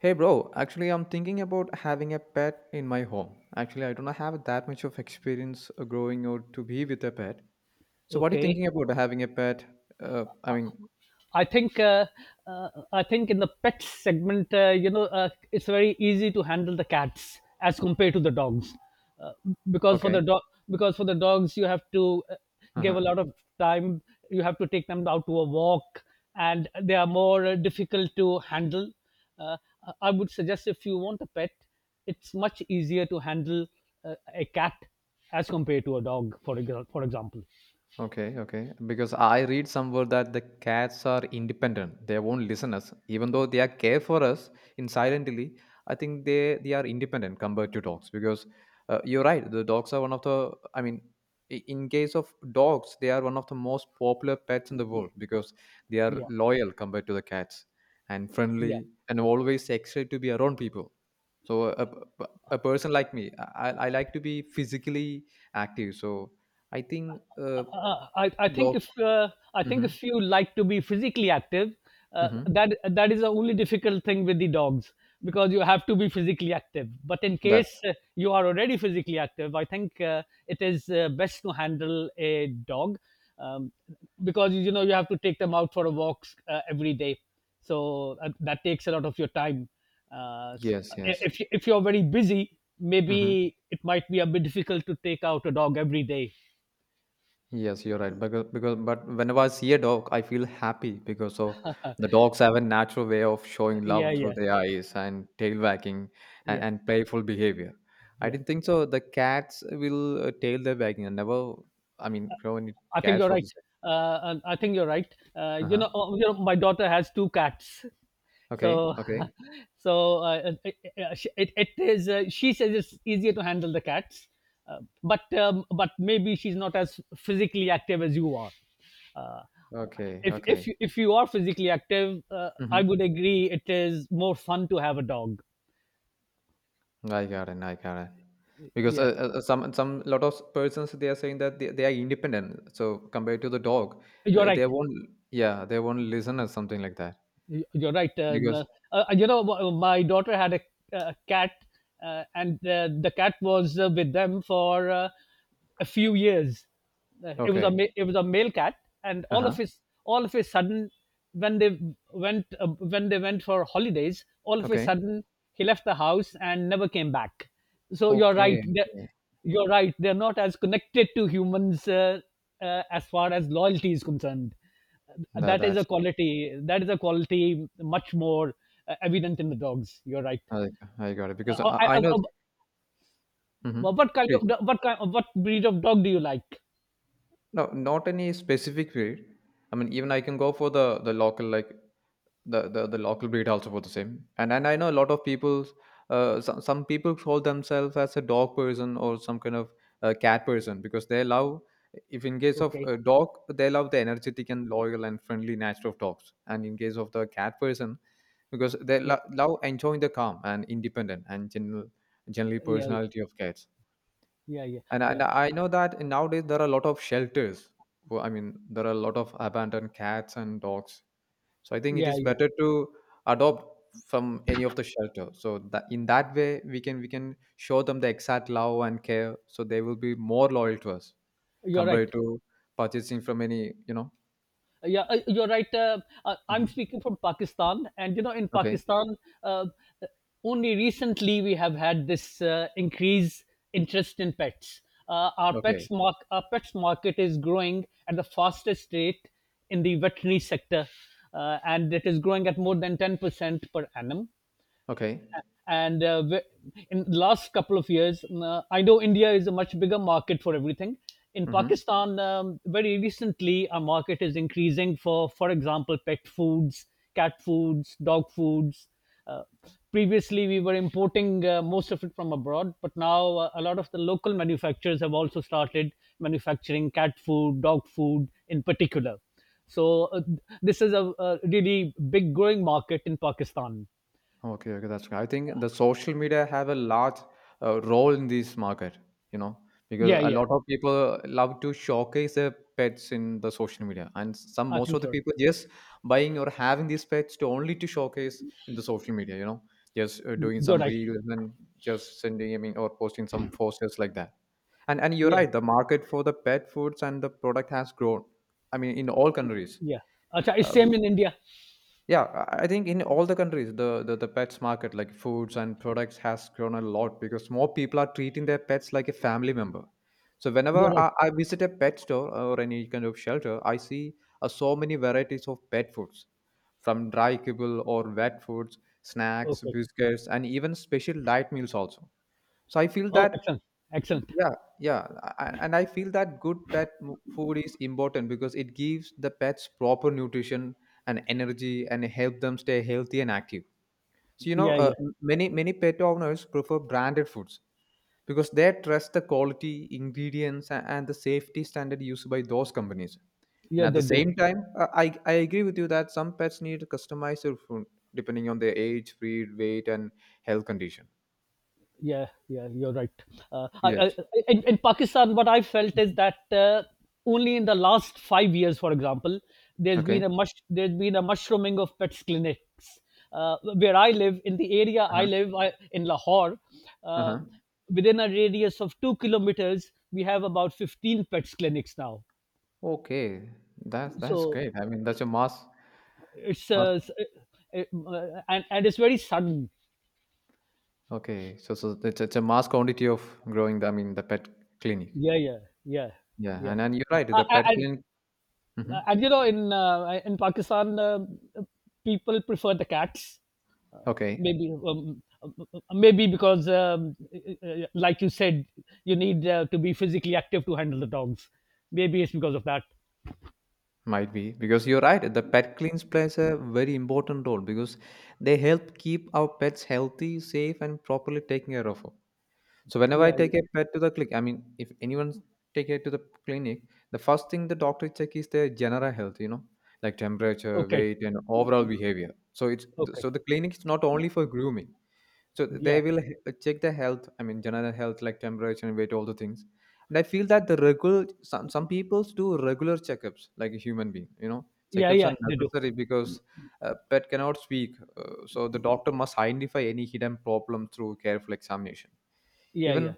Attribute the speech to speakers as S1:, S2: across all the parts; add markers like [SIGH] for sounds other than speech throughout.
S1: Hey bro, actually I'm thinking about having a pet in my home. Actually, I don't have that much of experience growing out to be with a pet. So what are you
S2: Okay.
S1: thinking about having a pet? Uh, I mean,
S2: I think uh, I think in the pet segment, it's very easy to handle the cats as compared to the dogs, uh, because for
S1: okay.
S2: the dog because for the dogs you have to give a
S1: Uh-huh.
S2: lot of time. You have to take them out to a walk, and they are more difficult to handle. Uh, I would suggest if you want a pet, it's much easier to handle a cat as compared to a dog, for example.
S1: Okay, okay. Because I read somewhere that the cats are independent. They won't listen us, even though they are care for us in silently. I think they are independent compared to dogs. Because you're right, the dogs are one of the. I mean, in case of dogs, they are one of the most popular pets in the world because they are
S2: Yeah,
S1: loyal compared to the cats and
S2: yeah.
S1: friendly and always excited to be around people. So a, a person like me, I like to be physically active. So I think. Dogs.
S2: I think
S1: Mhm.
S2: if you like to be physically active, uh,
S1: Mhm.
S2: that that is the only difficult thing with the dogs because you have to be physically active. But in
S1: That
S2: case you are already physically active, I think it is best to handle a dog, um, because you know you have to take them out for a walk every day, so that takes a lot of your time. Uh,
S1: yes, yes.
S2: if you're very busy,
S1: Mhm.
S2: maybe it might be a bit difficult to take out a dog every day.
S1: Yes, you're right. Because but whenever I see a dog, I feel happy because of the dogs have a natural way of
S2: Uh,
S1: showing
S2: Yeah,
S1: love through
S2: yeah.
S1: their eyes and tail wagging and,
S2: yeah
S1: and playful behavior. I
S2: yeah.
S1: didn't think so. The cats will tail their wagging. I never. I mean, grow any
S2: i think
S1: cats
S2: you're
S1: for the
S2: right
S1: same.
S2: I think you're right. uh,
S1: Uh
S2: you
S1: huh.
S2: know uh, you know my daughter has two cats,
S1: Okay.
S2: so
S1: Okay.
S2: [LAUGHS] so it is, she says it's easier to handle the cats, but but maybe she's not as physically active as you are. uh,
S1: Okay. Okay.
S2: if you are physically active,
S1: Mm-hmm.
S2: I would agree it is more fun to have a dog.
S1: I got it. I got it. Because
S2: Yeah
S1: some lot of persons they are saying that they are independent. So compared to the dog,
S2: you're right
S1: they won't. Yeah, they won't listen or something like that.
S2: Y- You're right.
S1: Because
S2: My daughter had a cat, and the cat was with them for a few years. It was
S1: okay,
S2: it was a male cat, and
S1: uh huh,
S2: all of his sudden, when they went for holidays, all of a
S1: okay,
S2: sudden he left the house and never came back. So you're
S1: okay,
S2: right. They're,
S1: okay.
S2: you're right. They're not as connected to humans, as far as loyalty is concerned.
S1: That that's it.
S2: That is a quality much more evident in the dogs. You're right.
S1: I, like, I got it. Because
S2: Uh, I,
S1: I
S2: I,
S1: know.
S2: I-
S1: Hmm.
S2: what kind
S1: Please,
S2: of what kind What breed of dog do you like?
S1: no, not any specific breed. I mean, even I can go for the local like the local breed also for the same, and I know a lot of people. Some people call themselves as a dog person, or some kind of a cat person, because they love. If in case of
S2: Okay.
S1: a dog, they love the energetic and loyal and friendly nature of dogs, and in case of the cat person, because they
S2: Yeah.
S1: love enjoying the calm and independent and generally
S2: Yeah.
S1: personality of cats.
S2: Yeah. Yeah. Yeah.
S1: And
S2: Yeah.
S1: I know that nowadays there are a lot of shelters I mean there are a lot of abandoned cats and dogs, so I think it
S2: Yeah.
S1: is
S2: Yeah.
S1: better to adopt from any of the shelter. So that in that way we can show them the exact love and care, so they will be more loyal to us
S2: You're right.
S1: compared to purchasing from any, you know.
S2: Yeah, uh, you're right. Uh, I'm
S1: Hmm.
S2: speaking from Pakistan, and you know, in
S1: Okay.
S2: Pakistan, uh, only recently we have had this increase interest in pets.
S1: Okay.
S2: Our pets market is growing at the fastest rate in the veterinary sector, and it is growing at more than 10% per annum.
S1: Okay.
S2: In the last couple of years, I know India is a much bigger market for everything. In
S1: Hmm.
S2: Pakistan, very recently, our market is increasing for example, pet foods, cat foods, dog foods. Uh, previously we were importing, most of it from abroad, but now a lot of the local manufacturers have also started manufacturing cat food, dog food in particular. So this is a really big growing market in Pakistan.
S1: Okay, okay, that's good. I think the social media have a large role in this market, you know, because
S2: yeah
S1: a
S2: yeah
S1: lot of people love to showcase their pets in the social media, and some
S2: I
S1: most of
S2: think
S1: the
S2: you're right.
S1: people just buying or having these pets to only to showcase in the social media, you know, just doing
S2: You're
S1: some
S2: right.
S1: reels and just sending, I mean, or posting some posters like that. And you're
S2: Yeah,
S1: right, the market for the pet foods and the product has grown. I mean, in all countries.
S2: yeah. Acha, it's
S1: Uh,
S2: same in India.
S1: yeah, I think in all the countries, the pets market, like foods and products, has grown a lot because more people are treating their pets like a family member. So
S2: You're
S1: whenever
S2: right.
S1: I visit a pet store or any kind of shelter, I see so many varieties of pet foods, from dry kibble or wet foods, snacks,
S2: Okay.
S1: biscuits, and even special light meals also. So I feel
S2: Oh,
S1: that,
S2: excellent, excellent.
S1: yeah, yeah, and I feel that good pet food is important because it gives the pets proper nutrition and energy and help them stay healthy and active. So you know,
S2: Yeah, yeah,
S1: many pet owners prefer branded foods because they trust the quality, ingredients, and the safety standard used by those companies. And
S2: yeah.
S1: at the
S2: They do.
S1: same time, I agree with you that some pets need customized food depending on their age, breed, weight, and health condition.
S2: Yeah, yeah. You're right. Uh, I,
S1: Yes.
S2: I, in Pakistan, what I felt is
S1: Mhm.
S2: that only in the last 5 years, for example,
S1: Okay.
S2: there's been a mushrooming of pets clinics. Where I live, in the area
S1: Uh huh.
S2: in Lahore,
S1: Uh
S2: uh,
S1: huh.
S2: within a radius of 2 kilometers, we have about 15 pets clinics now.
S1: Okay, that's
S2: So
S1: great. I mean, that's a mass,
S2: it's
S1: mass.
S2: s- uh, and it's very sudden.
S1: Okay, so it's a mass quantity of growing. The, I mean, the pet clinic.
S2: Yeah, yeah, yeah,
S1: Yeah,
S2: yeah.
S1: and you're right.
S2: Uh,
S1: The
S2: uh,
S1: pet
S2: and
S1: clinic. Hmm.
S2: and you know in, in Pakistan, people prefer the cats. Uh,
S1: Okay,
S2: maybe um, uh, maybe because, like you said, you need to be physically active to handle the dogs. Maybe it's because of that.
S1: might be because you're right. The pet clinics plays a very important role because they help keep our pets healthy, safe, and properly taken care of. So whenever I
S2: Yeah, yeah.
S1: take a pet to the clinic, I mean, if anyone take it to the clinic, the first thing the doctor check is their general health, you know, like temperature,
S2: Okay,
S1: weight, and overall behavior. So it's
S2: okay.
S1: so the clinic is not only for grooming. So they
S2: Yeah,
S1: will check the health. I mean, general health like temperature and weight, all the things. And I feel that the regular some people do regular checkups like a human being. You know,
S2: yeah,
S1: checkups
S2: yeah.
S1: are
S2: They do.
S1: necessary because pet cannot speak, so the doctor must identify any hidden problem through careful examination.
S2: Yeah,
S1: Even
S2: yeah,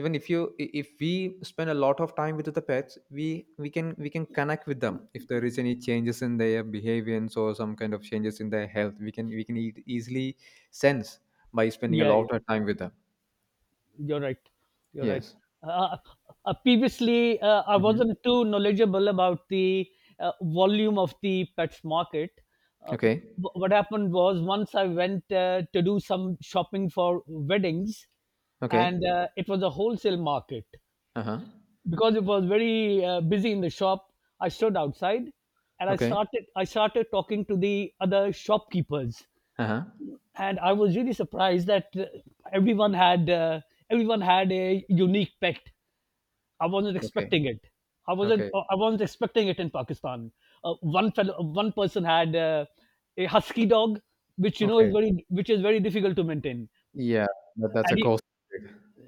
S1: even if you if we spend a lot of time with the pets, we we can connect with them. If there is any changes in their behaviors or some kind of changes in their health, we can easily sense by spending a
S2: yeah, yeah.
S1: lot of time with them.
S2: You're right. You're right.
S1: Yes.
S2: Uh, previously, I
S1: Hmm.
S2: wasn't too knowledgeable about the volume of the pets market. Uh,
S1: Okay.
S2: what happened was, once I went to do some shopping for weddings,
S1: Okay.
S2: and it was a wholesale market.
S1: Uh-huh.
S2: Because it was very busy in the shop, I stood outside and
S1: Okay.
S2: I started talking to the other shopkeepers,
S1: Uh-huh.
S2: and I was really surprised that, everyone had uh, everyone had a unique pet. I wasn't
S1: Okay.
S2: expecting it.
S1: Okay.
S2: I wasn't expecting it in Pakistan. One person had a husky dog, which you know is
S1: Okay.
S2: very, which is very difficult to maintain.
S1: Yeah, that, that's a
S2: And he,
S1: course.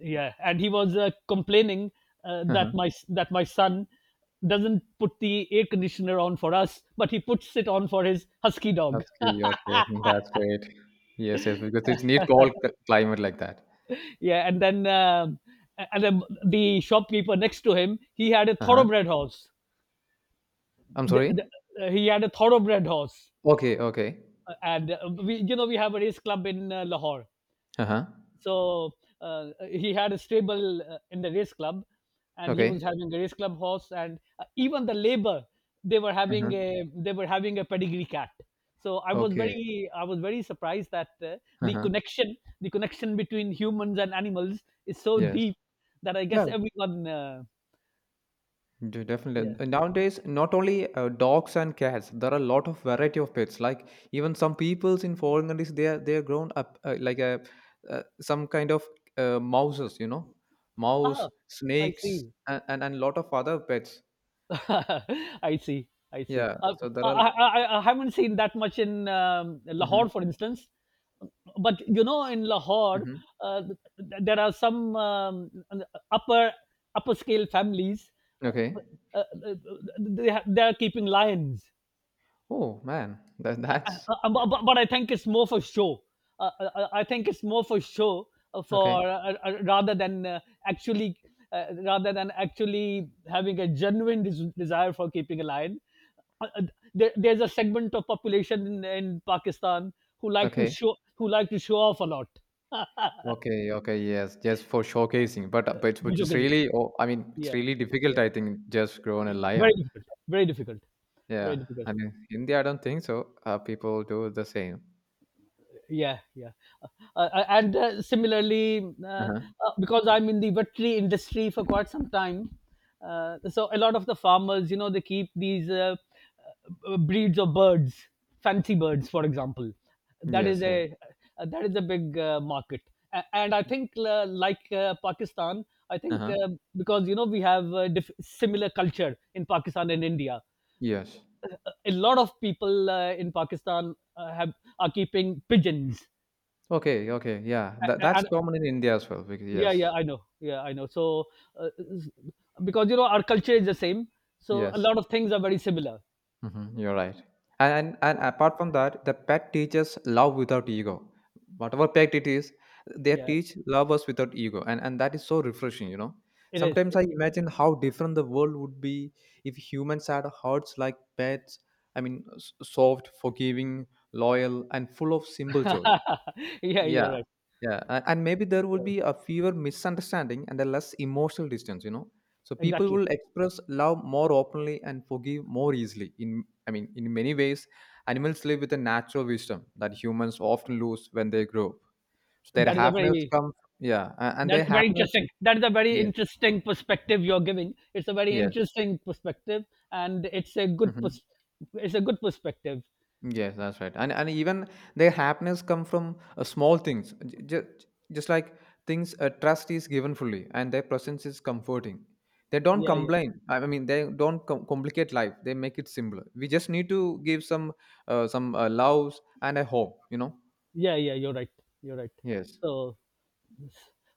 S2: yeah, and he was complaining that
S1: Uh-huh.
S2: my that my son doesn't put the air conditioner on for us, but he puts it on for his husky dog.
S1: That's great. Okay, that's great. Yes, yes, because it's need cold climate like that.
S2: Yeah. And then the shopkeeper next to him, he had a
S1: Uh-huh.
S2: thoroughbred horse.
S1: I'm
S2: the,
S1: sorry.
S2: the, he had a thoroughbred horse,
S1: Okay, okay.
S2: and we, you know, we have a race club in Lahore.
S1: Uh-huh.
S2: So he had a stable in the race club, and he was
S1: Okay.
S2: having a race club horse. And even the labor,
S1: Uh-huh.
S2: they were having a pedigree cat. So
S1: Okay.
S2: I was very surprised that, the
S1: Uh-huh.
S2: connection the connection between humans and animals is so
S1: Yes.
S2: deep that I
S1: Yeah,
S2: guess everyone,
S1: definitely.
S2: yeah.
S1: And nowadays, not only dogs and cats, there are a lot of variety of pets. Like even some peoples in foreign countries, they are grown up like a some kind of mouses, you know, mouse,
S2: ah I see.
S1: snakes, and and lot of other pets.
S2: [LAUGHS] I see. I see.
S1: Yeah. So there
S2: I,
S1: are.
S2: I, I haven't seen that much in,
S1: Mm-hmm.
S2: Lahore, for instance. But you know, in Lahore,
S1: Mm-hmm.
S2: there are some, upper upper scale families. Uh,
S1: Okay.
S2: uh, uh, they are keeping lions.
S1: Oh man, that
S2: Uh,
S1: that's
S2: uh, but I think it's more for show. I think it's more for show
S1: okay.
S2: for rather than actually Rather than actually having a genuine desire for keeping a lion. Uh, uh, there's a segment of population in Pakistan who like to
S1: Okay.
S2: show, who like to show off a lot. [LAUGHS]
S1: Okay, okay, yes, just for showcasing. But
S2: Visual
S1: it's
S2: physics.
S1: really, oh, I mean, it's
S2: Yeah,
S1: really difficult.
S2: yeah,
S1: I think just grown a
S2: very
S1: lion.
S2: difficult, very difficult, very
S1: Yeah,
S2: difficult.
S1: I mean, India, I don't think so. People do the same.
S2: Yeah yeah uh, and similarly
S1: Uh huh.
S2: because I'm in the veterinary industry for quite some time, so a lot of the farmers, you know, they keep these, breeds of birds, fancy birds, for example. that is
S1: Yes, yes.
S2: a that is a big market. A- and I think like pakistan I
S1: Uh
S2: think
S1: huh.
S2: because you know we have, similar culture in Pakistan and India,
S1: Yes.
S2: a lot of people in Pakistan have, are keeping pigeons.
S1: Okay, okay, yeah. That
S2: a-
S1: that's
S2: and
S1: common in India as well. Because
S2: yeah,
S1: yes,
S2: yeah, I know, yeah, I know. So uh, s- because, you know, our culture is the same, so a
S1: yes.
S2: lot of things are very similar.
S1: Mhm, you're right. And, and
S2: so,
S1: apart from that, the pet teaches love without ego. Whatever pet it is, they
S2: yeah,
S1: teach love us without ego. And, that is so refreshing, you know.
S2: it is.
S1: Sometimes I imagine how different the world would be if humans had hearts like pets. I mean, soft, forgiving, loyal, and full of simple joy.
S2: [LAUGHS] Yeah,
S1: Yeah,
S2: you're right.
S1: yeah, and maybe there will
S2: Yeah,
S1: be a fewer misunderstanding and a less emotional distance, you know. So people
S2: exactly
S1: will express love more openly and forgive more easily. In I mean, in many ways, animals live with a natural wisdom that humans often lose when they grow up. So their
S2: that is a
S1: happiness
S2: very
S1: comes, yeah, and
S2: that
S1: their
S2: very
S1: happiness,
S2: interesting that is a very
S1: yes,
S2: interesting perspective you're giving. It's a very
S1: yes.
S2: interesting perspective, and
S1: Mm-hmm.
S2: it's a good perspective.
S1: Yes, that's right. And even their happiness come from small things. Just, just like things, trust is given fully and their presence is comforting. They don't
S2: yeah yeah
S1: complain. I mean, they don't complicate life. They make it simpler. We just need to give some loves and a hope, you know?
S2: yeah you're right, you're right
S1: Yes.
S2: so.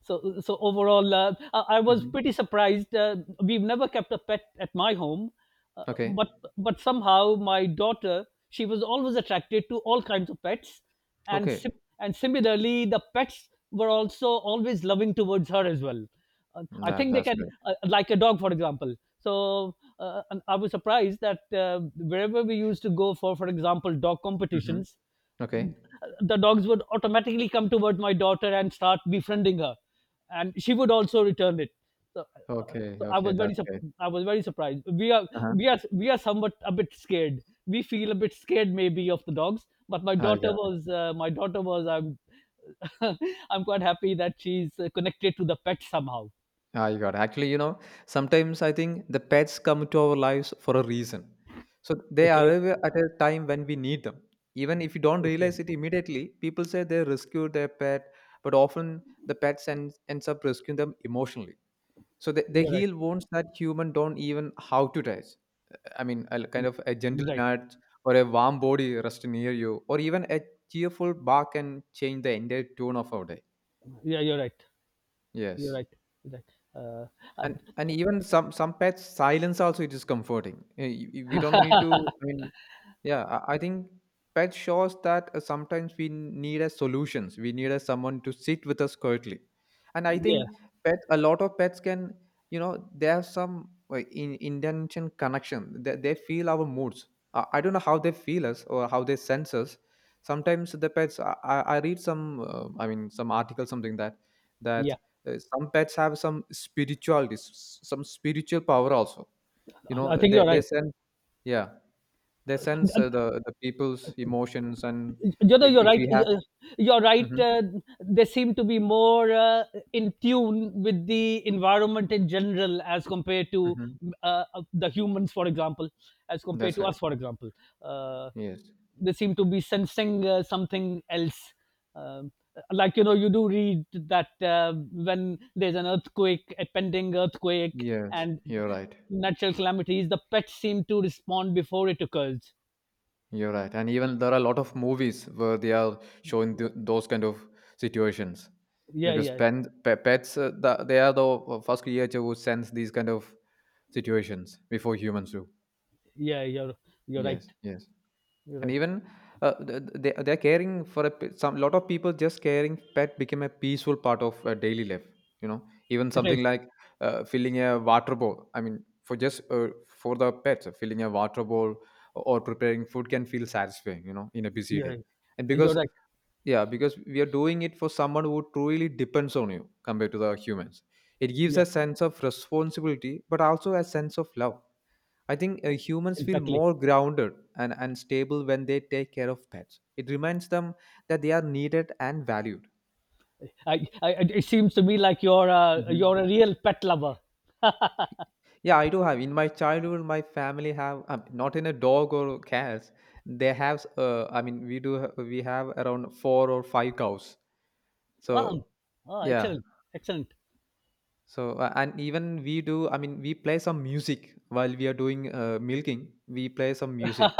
S2: So, so overall, I was
S1: Hmm.
S2: pretty surprised. We've never kept a pet at my home, uh,
S1: Okay.
S2: but but somehow my daughter, she was always attracted to all kinds of pets, and
S1: Okay.
S2: similarly, the pets were also always loving towards her as well. I
S1: That
S2: think they
S1: that's
S2: can,
S1: good.
S2: like a dog, for example. So and I was surprised that, wherever we used to go for example, dog
S1: Hmm.
S2: competitions,
S1: Okay.
S2: the dogs would automatically come towards my daughter and start befriending her, and she would also return it. So, uh,
S1: Okay.
S2: so I
S1: Okay.
S2: was very
S1: That's
S2: sup-
S1: good.
S2: I was very surprised. We are
S1: Uh-huh.
S2: we are we are somewhat a bit scared. We feel a bit scared maybe of the dogs, but
S1: I got
S2: my daughter was I'm [LAUGHS] I'm quite happy that she's connected to the pet somehow.
S1: I got it. Actually, you know, sometimes I think the pets come to our lives for a reason. So they
S2: Okay,
S1: arrive at a time when we need them. Even if you don't
S2: okay,
S1: realize it immediately, people say they rescued their pet, but often the pets ends, ends up rescuing them emotionally. So they
S2: you're right,
S1: heal wounds that human don't even how to touch. I mean, a kind of a gentle
S2: right.
S1: nudge or a warm body rest near you, or even a cheerful bark can change the entire tone of our day.
S2: Yeah, you're right. You're
S1: Yes.
S2: right. You're right. Uh,
S1: And
S2: and-
S1: even some pets silence also it is comforting. Eh, we don't need to. I mean, yeah, I think pet shows that sometimes we need a solutions. We need a someone to sit with us quietly, and I
S2: yeah,
S1: think pets. A lot of pets can, you know, they have some in intention connection. They feel our moods. I don't know how they feel us or how they sense us. Sometimes the pets. I read some. I mean, some article something that that
S2: yeah.
S1: some pets have some spirituality, some spiritual power also. You
S2: I
S1: know,
S2: think you're
S1: they
S2: right.
S1: sense. Yeah, they sense the people's emotions, and
S2: You know, you're
S1: if
S2: right.
S1: we have,
S2: you- you're right
S1: mhm,
S2: uh, They seem to be more in tune with the environment in general as compared to,
S1: mhm.
S2: uh, the humans, for example, as compared
S1: That's
S2: to
S1: right.
S2: us, for example. uh,
S1: Yes,
S2: they seem to be sensing, something else, um, like, you know, you do read that, when there's an earthquake, a pending earthquake
S1: yes,
S2: and
S1: you're right.
S2: natural calamities, the pets seem to respond before it occurs.
S1: You're right. And even there are a lot of movies where they are showing th those kind of situations
S2: yeah
S1: because
S2: yeah
S1: pen, pe pets the, they are the first creature who sense these kind of situations before humans do.
S2: yeah you're you're right.
S1: Yes, yes.
S2: You're
S1: And
S2: right.
S1: even they're caring for a some lot of people just caring pet became a peaceful part of daily life you know Even
S2: It
S1: something
S2: is.
S1: like filling a water bowl, for just for the pets, filling a water bowl or preparing food can feel satisfying, you know, in a busy day.
S2: Yeah,
S1: and
S2: you're
S1: because
S2: right.
S1: yeah, because we are doing it for someone who truly depends on you compared to the humans. It gives
S2: Yeah,
S1: a sense of responsibility, but also a sense of love. I think humans feel
S2: exactly.
S1: more grounded and, stable when they take care of pets. It reminds them that they are needed and valued.
S2: It seems to me like you're a
S1: Mhm.
S2: real pet lover.
S1: Yeah, I do have. In my childhood, my family have, not in a dog or cats. They have. I mean, we do. We have around four or five cows.
S2: Um,
S1: So
S2: ah,
S1: yeah.
S2: excellent, excellent.
S1: So, and even we do, I mean, we play some music while we are doing, milking, we play some music.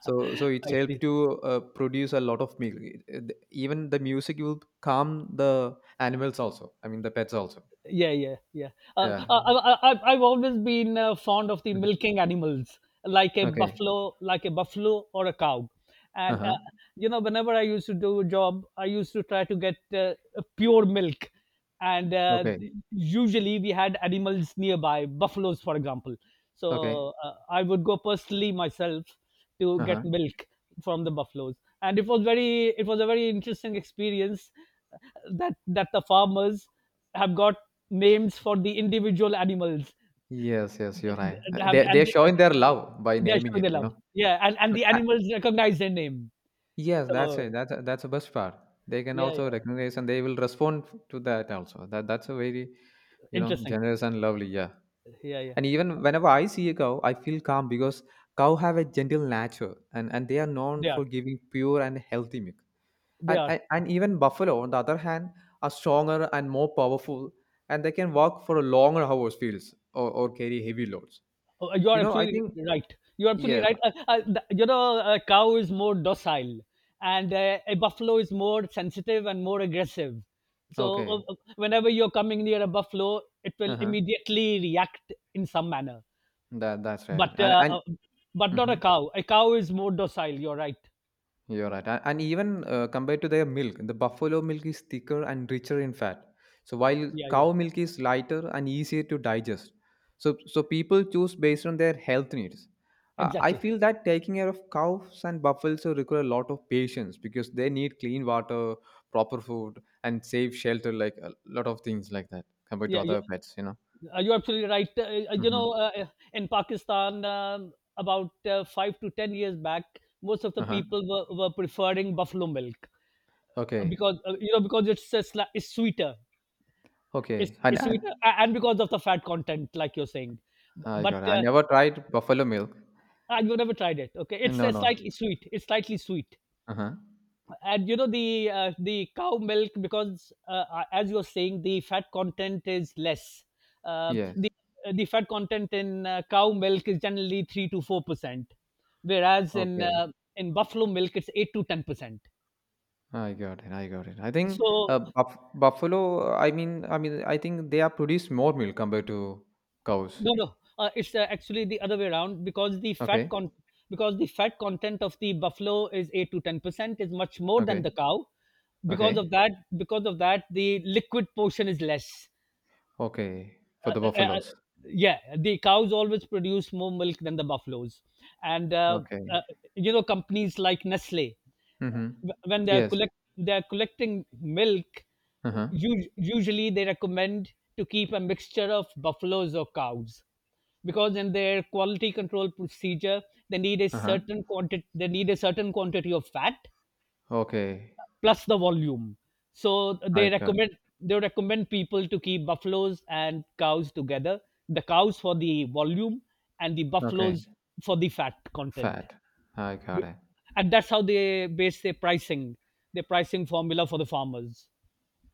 S1: So, so it's
S2: I
S1: helped
S2: see.
S1: to produce a lot of milk. Even the music will calm the animals also. I mean, the pets also.
S2: Yeah. uh,
S1: Yeah.
S2: uh, I, I, I- i've always been fond of the
S1: Mhm.
S2: milking animals
S1: Okay.
S2: like a buffalo or a cow. And
S1: Uh-huh.
S2: you know, whenever I used to do a job, I used to try to get pure milk. And
S1: Okay.
S2: usually we had animals nearby, buffaloes for example,
S1: Okay.
S2: so I would go personally myself to
S1: Uh-huh.
S2: get milk from the buffaloes. And it was a very interesting experience, that the farmers have got names for the individual animals.
S1: Yes, yes, you're right.
S2: They have,
S1: They,
S2: and
S1: they're showing their love by
S2: they're
S1: naming
S2: showing
S1: it,
S2: their
S1: you
S2: love.
S1: know.
S2: Yeah, and
S1: But
S2: the
S1: I,
S2: animals recognize their name.
S1: yes, that's
S2: So
S1: it. That's the best part. They can
S2: yeah,
S1: also
S2: yeah,
S1: recognize and they will respond to that also. That that's a very, you know,
S2: interesting.
S1: generous and lovely. Yeah.
S2: Yeah, yeah,
S1: And even whenever I see a cow, I feel calm because cow have a gentle nature, and they are known
S2: they are,
S1: for giving pure and healthy milk.
S2: they
S1: And
S2: are.
S1: and even buffalo, on the other hand, are stronger and more powerful, and they can walk for longer hours fields, or, carry heavy loads.
S2: Oh, you
S1: You
S2: are
S1: know, I
S2: absolutely
S1: think
S2: right. You are absolutely
S1: yes.
S2: right. You know, a cow is more docile, and a buffalo is more sensitive and more aggressive. So
S1: Okay.
S2: whenever you're coming near a buffalo, it
S1: Uh
S2: will
S1: huh.
S2: immediately react in some manner.
S1: That that's right.
S2: but
S1: And
S2: uh,
S1: and.
S2: uh, but not a
S1: Mhm.
S2: cow. A cow is more docile. You're right.
S1: You're right. And even compared to their milk, the buffalo milk is thicker and richer in fat. So while
S2: Yeah, yeah,
S1: cow milk is lighter and easier to digest. So so people choose based on their health needs. I
S2: exactly.
S1: feel that taking care of cows and buffaloes will require a lot of patience because they need clean water, proper food, and safe shelter, like a lot of things like that compared to
S2: Yeah, you,
S1: other pets, you know.
S2: you're absolutely right. You know,
S1: Mm-hmm.
S2: in Pakistan, about 5 to 10 years back, most of the
S1: Uh-huh.
S2: people were preferring buffalo milk
S1: Okay.
S2: because you know, because it's it's sweeter,
S1: Okay.
S2: it's
S1: And
S2: sweeter, and because of the fat content, like you're saying. B-
S1: I
S2: But
S1: got it. I never tried buffalo milk.
S2: I've never tried it. Okay, it's
S1: No, no.
S2: slightly sweet. It's slightly sweet.
S1: Uh-huh.
S2: And you know, the cow milk, because as you're saying, the fat content is less. uh,
S1: Yes.
S2: the the fat content in cow milk is generally 3 to 4 percent, whereas
S1: Okay,
S2: in buffalo milk it's 8 to 10 percent.
S1: I got it. I got it. I think
S2: So
S1: buffalo. I mean, I think they are produce more milk compared to cows.
S2: no, no, it's actually the other way around, because the fat
S1: Okay,
S2: con because the fat content of the buffalo is 8 to 10 percent, is much more than
S1: okay,
S2: the cow. because of
S1: okay,
S2: that because of that, the liquid portion is less.
S1: okay. For
S2: uh,
S1: the
S2: uh, uh,
S1: buffaloes.
S2: yeah, the cows always produce more milk than the buffaloes. And
S1: Okay.
S2: uh, you know, companies like Nestle,
S1: Mm-hmm.
S2: when
S1: Yes.
S2: they're collecting milk,
S1: Uh huh.
S2: usually they recommend to keep a mixture of buffaloes or cows, because in their quality control procedure
S1: Uh huh.
S2: they need a certain quantity of fat
S1: Okay.
S2: plus the volume. So
S1: I got.
S2: they recommend people to keep buffaloes and cows together. The cows for the volume and the
S1: Okay.
S2: buffaloes for the fat content.
S1: Fat. I got it.
S2: And that's how they base their pricing formula for the farmers.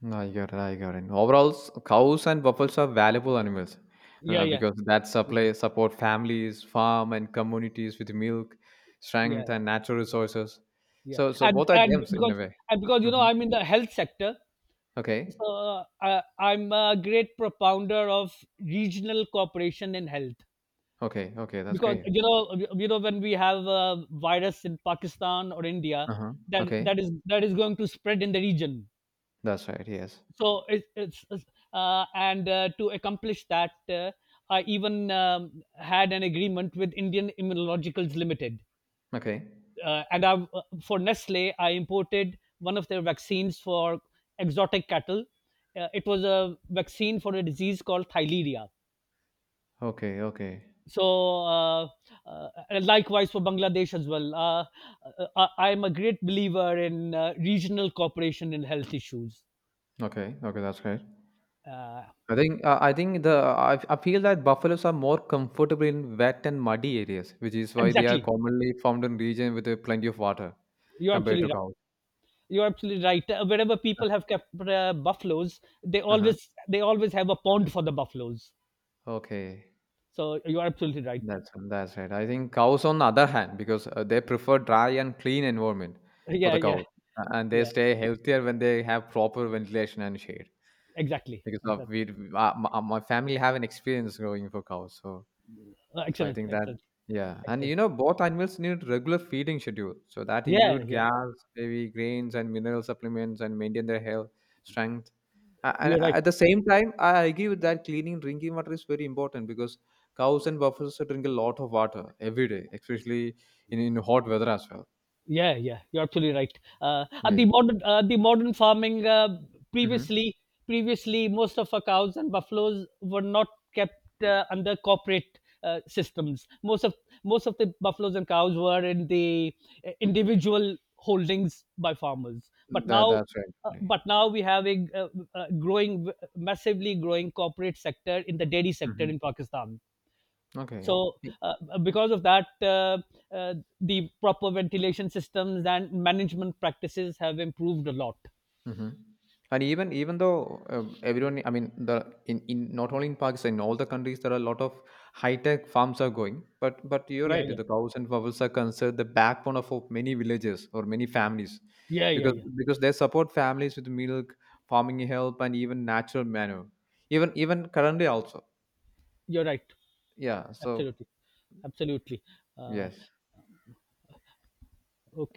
S1: No, I got it. I got it. Overall, cows and buffaloes are valuable animals
S2: Yeah, yeah,
S1: because that
S2: yeah,
S1: supply support families, farm, and communities with milk,
S2: yeah,
S1: strength, and natural resources.
S2: yeah.
S1: So, so both are gems in a way.
S2: And because you know,
S1: Hmm.
S2: I'm in the health sector,
S1: Okay.
S2: so I'm a great propounder of regional cooperation in health.
S1: Okay. Okay. That's
S2: Because
S1: great.
S2: you know, when we have a virus in Pakistan or India,
S1: Uh huh.
S2: that
S1: Okay.
S2: that is going to spread in the region.
S1: That's right. Yes.
S2: So it's, and to accomplish that, I even had an agreement with Indian Immunologicals Limited,
S1: Okay.
S2: and I for Nestle I imported one of their vaccines for exotic cattle. It was a vaccine for a disease called thyleria.
S1: Okay. Okay.
S2: So uh, likewise for Bangladesh as well. I am a great believer in regional cooperation in health issues.
S1: Okay. Okay. That's great.
S2: uh,
S1: I think the I feel that buffaloes are more comfortable in wet and muddy areas, which is why they are
S2: exactly,
S1: commonly found in region with plenty of water
S2: you're
S1: compared to
S2: absolutely
S1: cows.
S2: right. You're absolutely right. Wherever people
S1: [LAUGHS]
S2: have kept buffaloes,
S1: Uh-huh.
S2: they always have a pond for the buffaloes.
S1: Okay,
S2: So you're absolutely right.
S1: that's right. I think cows, on the other hand, because they prefer dry and clean environment
S2: [LAUGHS]
S1: for
S2: Yeah,
S1: the
S2: yeah,
S1: cows, and they
S2: yeah,
S1: stay healthier when they have proper ventilation and shade.
S2: exactly,
S1: Because of
S2: exactly.
S1: we, my, family have an experience growing for cows, so so I
S2: Excellent,
S1: think that
S2: excellent,
S1: yeah, and
S2: excellent.
S1: you know both animals need regular feeding schedule. So that
S2: Yeah,
S1: include
S2: yeah,
S1: grass, maybe grains and mineral supplements, and maintain their health, strength. And
S2: you're right.
S1: at the same time, I agree with that cleaning drinking water is very important because cows and buffaloes drink a lot of water every day, especially in, hot weather as well.
S2: Yeah, yeah, you're absolutely right. And the
S1: Yes.
S2: modern The modern farming,
S1: Mm-hmm.
S2: previously previously most of our cows and buffaloes were not kept under corporate systems. Most of the buffaloes and cows were in the individual holdings by farmers.
S1: That that's right.
S2: But now we have a, growing massively growing corporate sector in the dairy sector
S1: Mm-hmm.
S2: in Pakistan.
S1: Okay.
S2: So because of that, uh, the proper ventilation systems and management practices have improved a lot.
S1: Mhm. And even even though everyone, I mean, the in, not only in Pakistan, in all the countries, there are a lot of high tech farms are going. But you're
S2: Yeah,
S1: right,
S2: yeah,
S1: the cows and fowls are considered the backbone of, many villages or many families,
S2: yeah, yeah,
S1: because
S2: yeah,
S1: they support families with milk, farming help, and even natural manure. Even even currently also,
S2: you're right.
S1: yeah. So
S2: Absolutely, absolutely. Uh,
S1: yes.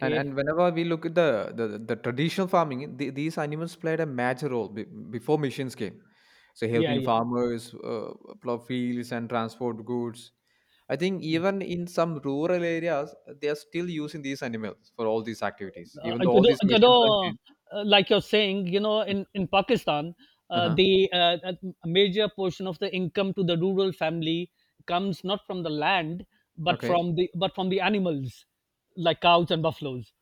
S1: And whenever we look at the the traditional farming, the, these animals played a major role before machines came. So
S2: Yeah,
S1: helping
S2: yeah.
S1: farmers plow fields and transport goods. I think even in some rural areas, they are still using these animals for all these activities, even though all these
S2: You
S1: machines are.
S2: know,
S1: Came.
S2: like you're saying, you know, in Pakistan,
S1: Uh-huh.
S2: the a major portion of the income to the rural family comes not from the land,
S1: Okay.
S2: but from the animals, like cows and buffaloes.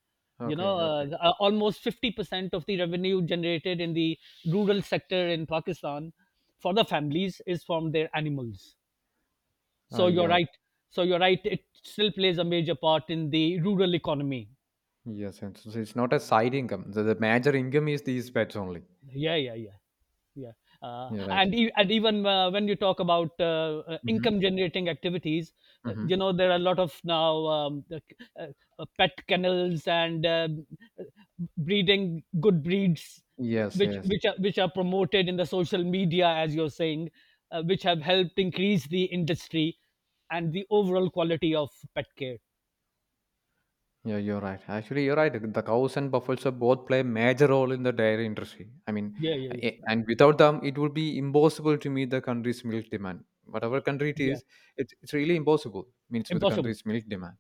S2: You
S1: Okay.
S2: know,
S1: Okay.
S2: almost 50% of the revenue generated in the rural sector in Pakistan for the families is from their animals. So
S1: I
S2: you're
S1: got.
S2: right.
S1: It.
S2: So you're right. It still plays a major part in the rural economy.
S1: Yes. And so it's not a side income. The, major income is these pets only.
S2: Yeah, yeah, yeah, yeah.
S1: You're right.
S2: And even when you talk about
S1: Mm-hmm.
S2: income generating activities, you
S1: Mm-hmm.
S2: know, there are a lot of now uh, pet kennels and uh, breeding good breeds,
S1: Yes. Yes.
S2: which are promoted in the social media, as you're saying, which have helped increase the industry and the overall quality of pet care.
S1: Yeah, you're right. Actually, you're right. The cows and buffaloes are both play a major role in the dairy industry. I mean,
S2: Yeah, yeah, yeah,
S1: eh, and without them, it would be impossible to meet the country's milk demand. Whatever country it
S2: yeah,
S1: is, it's, really impossible meets with the
S2: impossible,
S1: country's milk demand.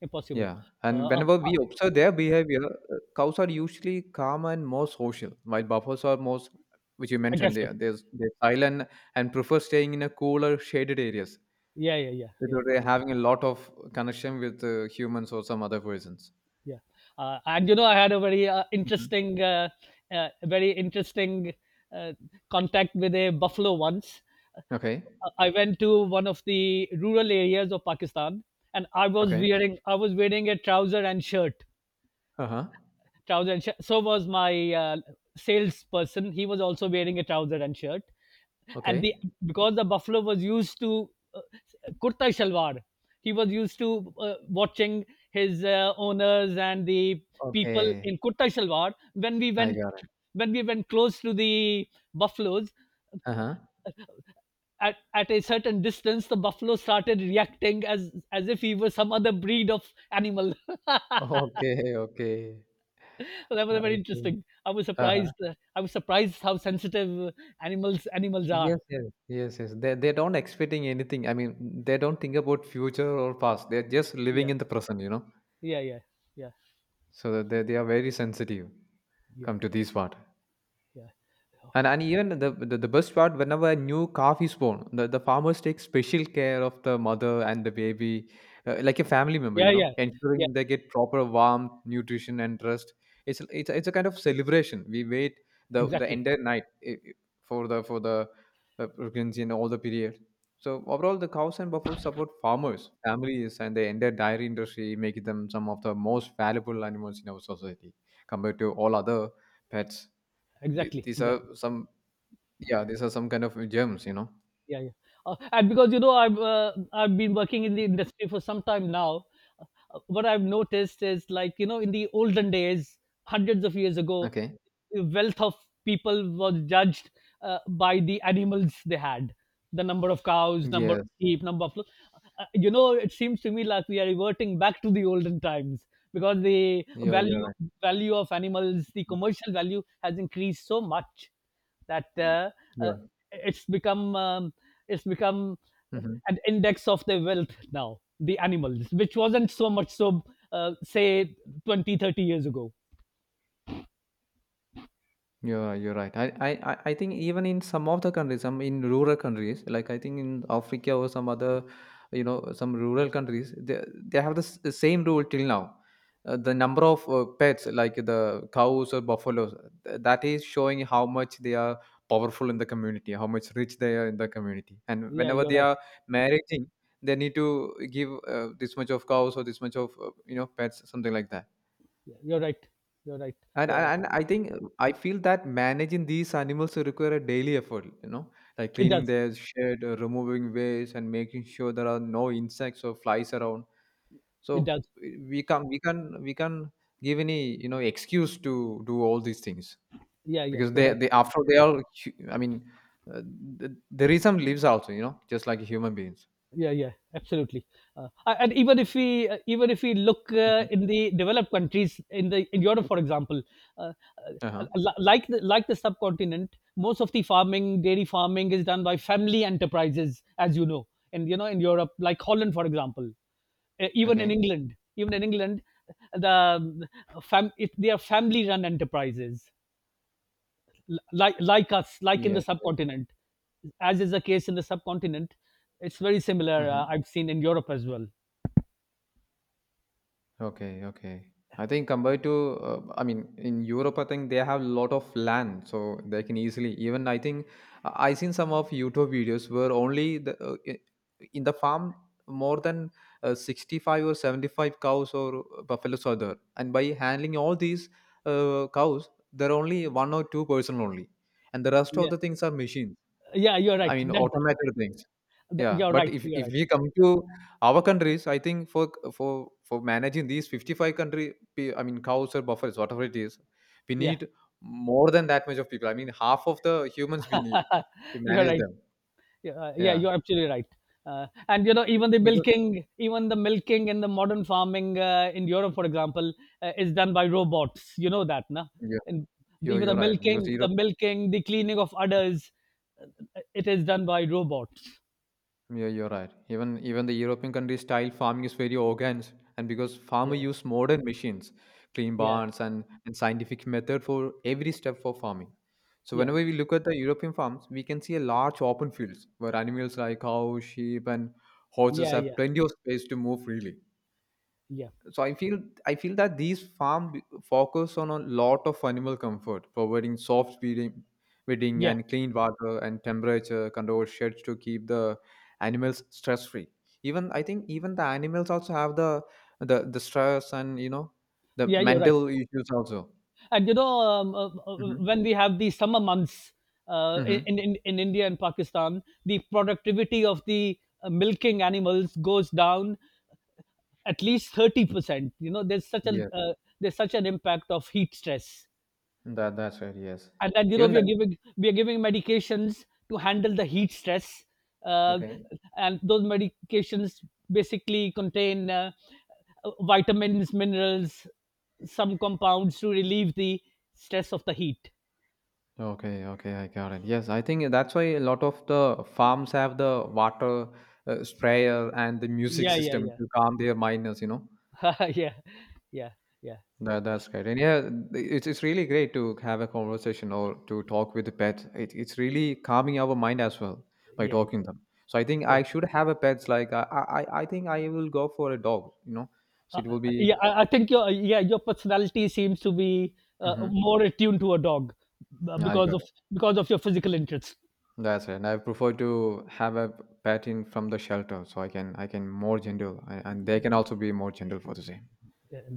S2: impossible.
S1: Yeah,
S2: uh,
S1: and
S2: uh,
S1: whenever
S2: uh,
S1: we observe their behavior, cows are usually calm and more social, while buffaloes are most, which you mentioned,
S2: Aggressive,
S1: they're silent and prefer staying in a cooler, shaded areas
S2: yeah, yeah, yeah, yeah,
S1: without having a lot of connection with humans or some other persons.
S2: yeah. And you know, I had a very interesting very interesting uh, contact with a buffalo once.
S1: Okay.
S2: I went to one of the rural areas of Pakistan, and
S1: Okay.
S2: I was wearing a trouser and shirt,
S1: Uh-huh.
S2: so was my salesperson. He was also wearing a trouser and shirt. And
S1: Okay.
S2: the Because the buffalo was used to uh, kurta shalwar. He was used to watching his owners and the people
S1: Okay.
S2: in kurta shalwar.
S1: I got it.
S2: When we went close to the buffaloes,
S1: Uh-huh. [LAUGHS]
S2: at a certain distance, the buffalo started reacting as if he was some other breed of animal. [LAUGHS] So
S1: Okay. Okay.
S2: that was very
S1: I see.
S2: interesting. I was
S1: Uh-huh.
S2: surprised. Uh, I was surprised how sensitive animals are.
S1: Yes, yes, yes, yes. They don't expecting anything. I mean, they don't think about future or past. They're just
S2: Yeah,
S1: living in the present, you know.
S2: yeah, yeah, yeah,
S1: So they are very sensitive come to this part.
S2: yeah,
S1: And even the the best part, whenever a new calf is born, the, farmers take special care of the mother and the baby, like a family member,
S2: yeah,
S1: you know,
S2: yeah, yeah.
S1: ensuring they get proper warmth, nutrition, and rest. It's it's a kind of celebration. We wait the
S2: Exactly, exactly,
S1: entire night, for the pregnancy and all the period. So overall, the cows and buffaloes support farmers, families, and the entire dairy industry, making them some of the most valuable animals in our society compared to all other pets.
S2: exactly,
S1: These
S2: exactly.
S1: are some yeah, these are some kind of gems, you know.
S2: Yeah, yeah. And because You know, I've been working in the industry for some time now. What I've noticed is, like you know, in the olden days, hundreds of years ago,
S1: Okay.
S2: the wealth of people was judged by the animals they had, the number of cows, number of
S1: Yes.
S2: sheep, number of you know. It seems to me like we are reverting back to the olden times, because the
S1: Yeah, you're
S2: value
S1: right.
S2: value of animals, the commercial value, has increased so much that uh,
S1: Yeah.
S2: it's become it's become
S1: Mhm.
S2: an index of their wealth now, the animals, which wasn't so much so say 20, 30 years ago.
S1: Yeah, you're right. I I think even in some of the countries, some in rural countries, like I think in Africa or some other, you know, some rural countries, they have the the same rule till now. The number of pets, like the cows or buffaloes, that is showing how much they are powerful in the community, how much rich they are in the community. And
S2: Yeah,
S1: whenever
S2: you're
S1: they
S2: right.
S1: are marrying, they need to give this much of cows or this much of, you know, pets, something like that
S2: Yeah, you're right, you're right.
S1: and,
S2: Yeah,
S1: and and I think I feel that managing these animals require a daily effort, you know, like
S2: it
S1: cleaning
S2: does,
S1: their shed, removing waste, and making sure there are no insects or flies around.
S2: it
S1: So
S2: does.
S1: we can we can give any, you know, excuse to do all these things
S2: Yeah, yeah,
S1: because
S2: you're
S1: they
S2: right.
S1: after they are I mean uh, there is some lives also, you know, just like human beings.
S2: Yeah, yeah, absolutely. And even if we look
S1: Hmm.
S2: in the developed countries, in Europe for example, uh,
S1: Uh huh.
S2: like like the subcontinent, most of the farming, dairy farming, is done by family enterprises, as you know. And you know, in Europe, like Holland for example,
S1: Okay.
S2: even in England, the um, they are family run enterprises. Like us, like in the
S1: Yes. Yes.
S2: subcontinent, as is the case in the subcontinent, it's very similar.
S1: Mm-hmm.
S2: I've seen in Europe as well.
S1: Okay, okay. I think compared to, I mean, in Europe, I think they have a lot of land, so they can easily. Even I think I seen some of YouTube videos where only the in the farm more than 65 or 75 cows or buffaloes are there, and by handling all these cows, there are only one or two-person only, and the rest of
S2: Yeah,
S1: the things are machines.
S2: yeah, you're
S1: I
S2: right.
S1: mean, automated things. Yeah,
S2: You're
S1: but
S2: right. You're
S1: if
S2: right.
S1: we come to our countries, I think for managing these 55 country, I mean cows or buffers, whatever it is, we
S2: Yeah,
S1: need more than that much of people. I mean half of the humans we need to
S2: [LAUGHS] you're
S1: manage
S2: right.
S1: them.
S2: Yeah, yeah,
S1: Yeah,
S2: you're absolutely right. And you know,
S1: Be- because
S2: even the milking in the modern farming in Europe, for example, is done by robots. You know that, no?
S1: yeah,
S2: And
S1: you're right because
S2: the
S1: Europe.
S2: milking, the cleaning of udders, it is done by robots.
S1: Yeah, you're right. Even even the European countries style farming is very organic, and because farmer
S2: Yeah,
S1: use modern machines, clean
S2: yeah,
S1: barns, and, scientific method for every step for farming. So
S2: yeah.
S1: whenever we look at the European farms, we can see a large open fields where animals like cows, sheep, and horses
S2: Yeah,
S1: have
S2: yeah,
S1: plenty of space to move freely.
S2: yeah,
S1: So I feel that these focus on a lot of animal comfort, providing soft bedding,
S2: yeah,
S1: and clean water and temperature controlled sheds to keep the animals stress free. Even I think even the animals also have the the stress and, you know, the
S2: yeah. You're right.
S1: mental issues also.
S2: And you know,
S1: Mm-hmm.
S2: when we have the summer months
S1: Mm-hmm.
S2: in India and Pakistan, the productivity of the milking animals goes down at least 30%. You know, there's such a
S1: Yes,
S2: there's such an impact of heat stress.
S1: that that's right. Yes,
S2: And then you know,
S1: even that
S2: we are giving medications to handle the heat stress. uh,
S1: okay.
S2: and those medications basically contain vitamins, minerals, some compounds to relieve the stress of the heat.
S1: Okay, okay, I got it. Yes, I think that's why a lot of the farms have the water sprayer and the music
S2: Yeah,
S1: system
S2: yeah,
S1: to calm their miners, you know.
S2: yeah, [LAUGHS] yeah, yeah, yeah,
S1: That, that's great. And yeah, it's, really great to have a conversation or to talk with the pet. It, it's really calming our mind as well by
S2: yeah,
S1: talking them. So I think
S2: sure.
S1: I should have a pets like I I think I will go for a dog, you know. So it will be,
S2: Yeah, I think your, yeah, your personality seems to be
S1: mm-hmm,
S2: more attuned to a dog, uh,
S1: yeah, I
S2: because
S1: got
S2: of because of your physical interests.
S1: that's right. And I prefer to have a pet in from the shelter so I can more gentle and, they can also be more gentle for the same.
S2: Yeah.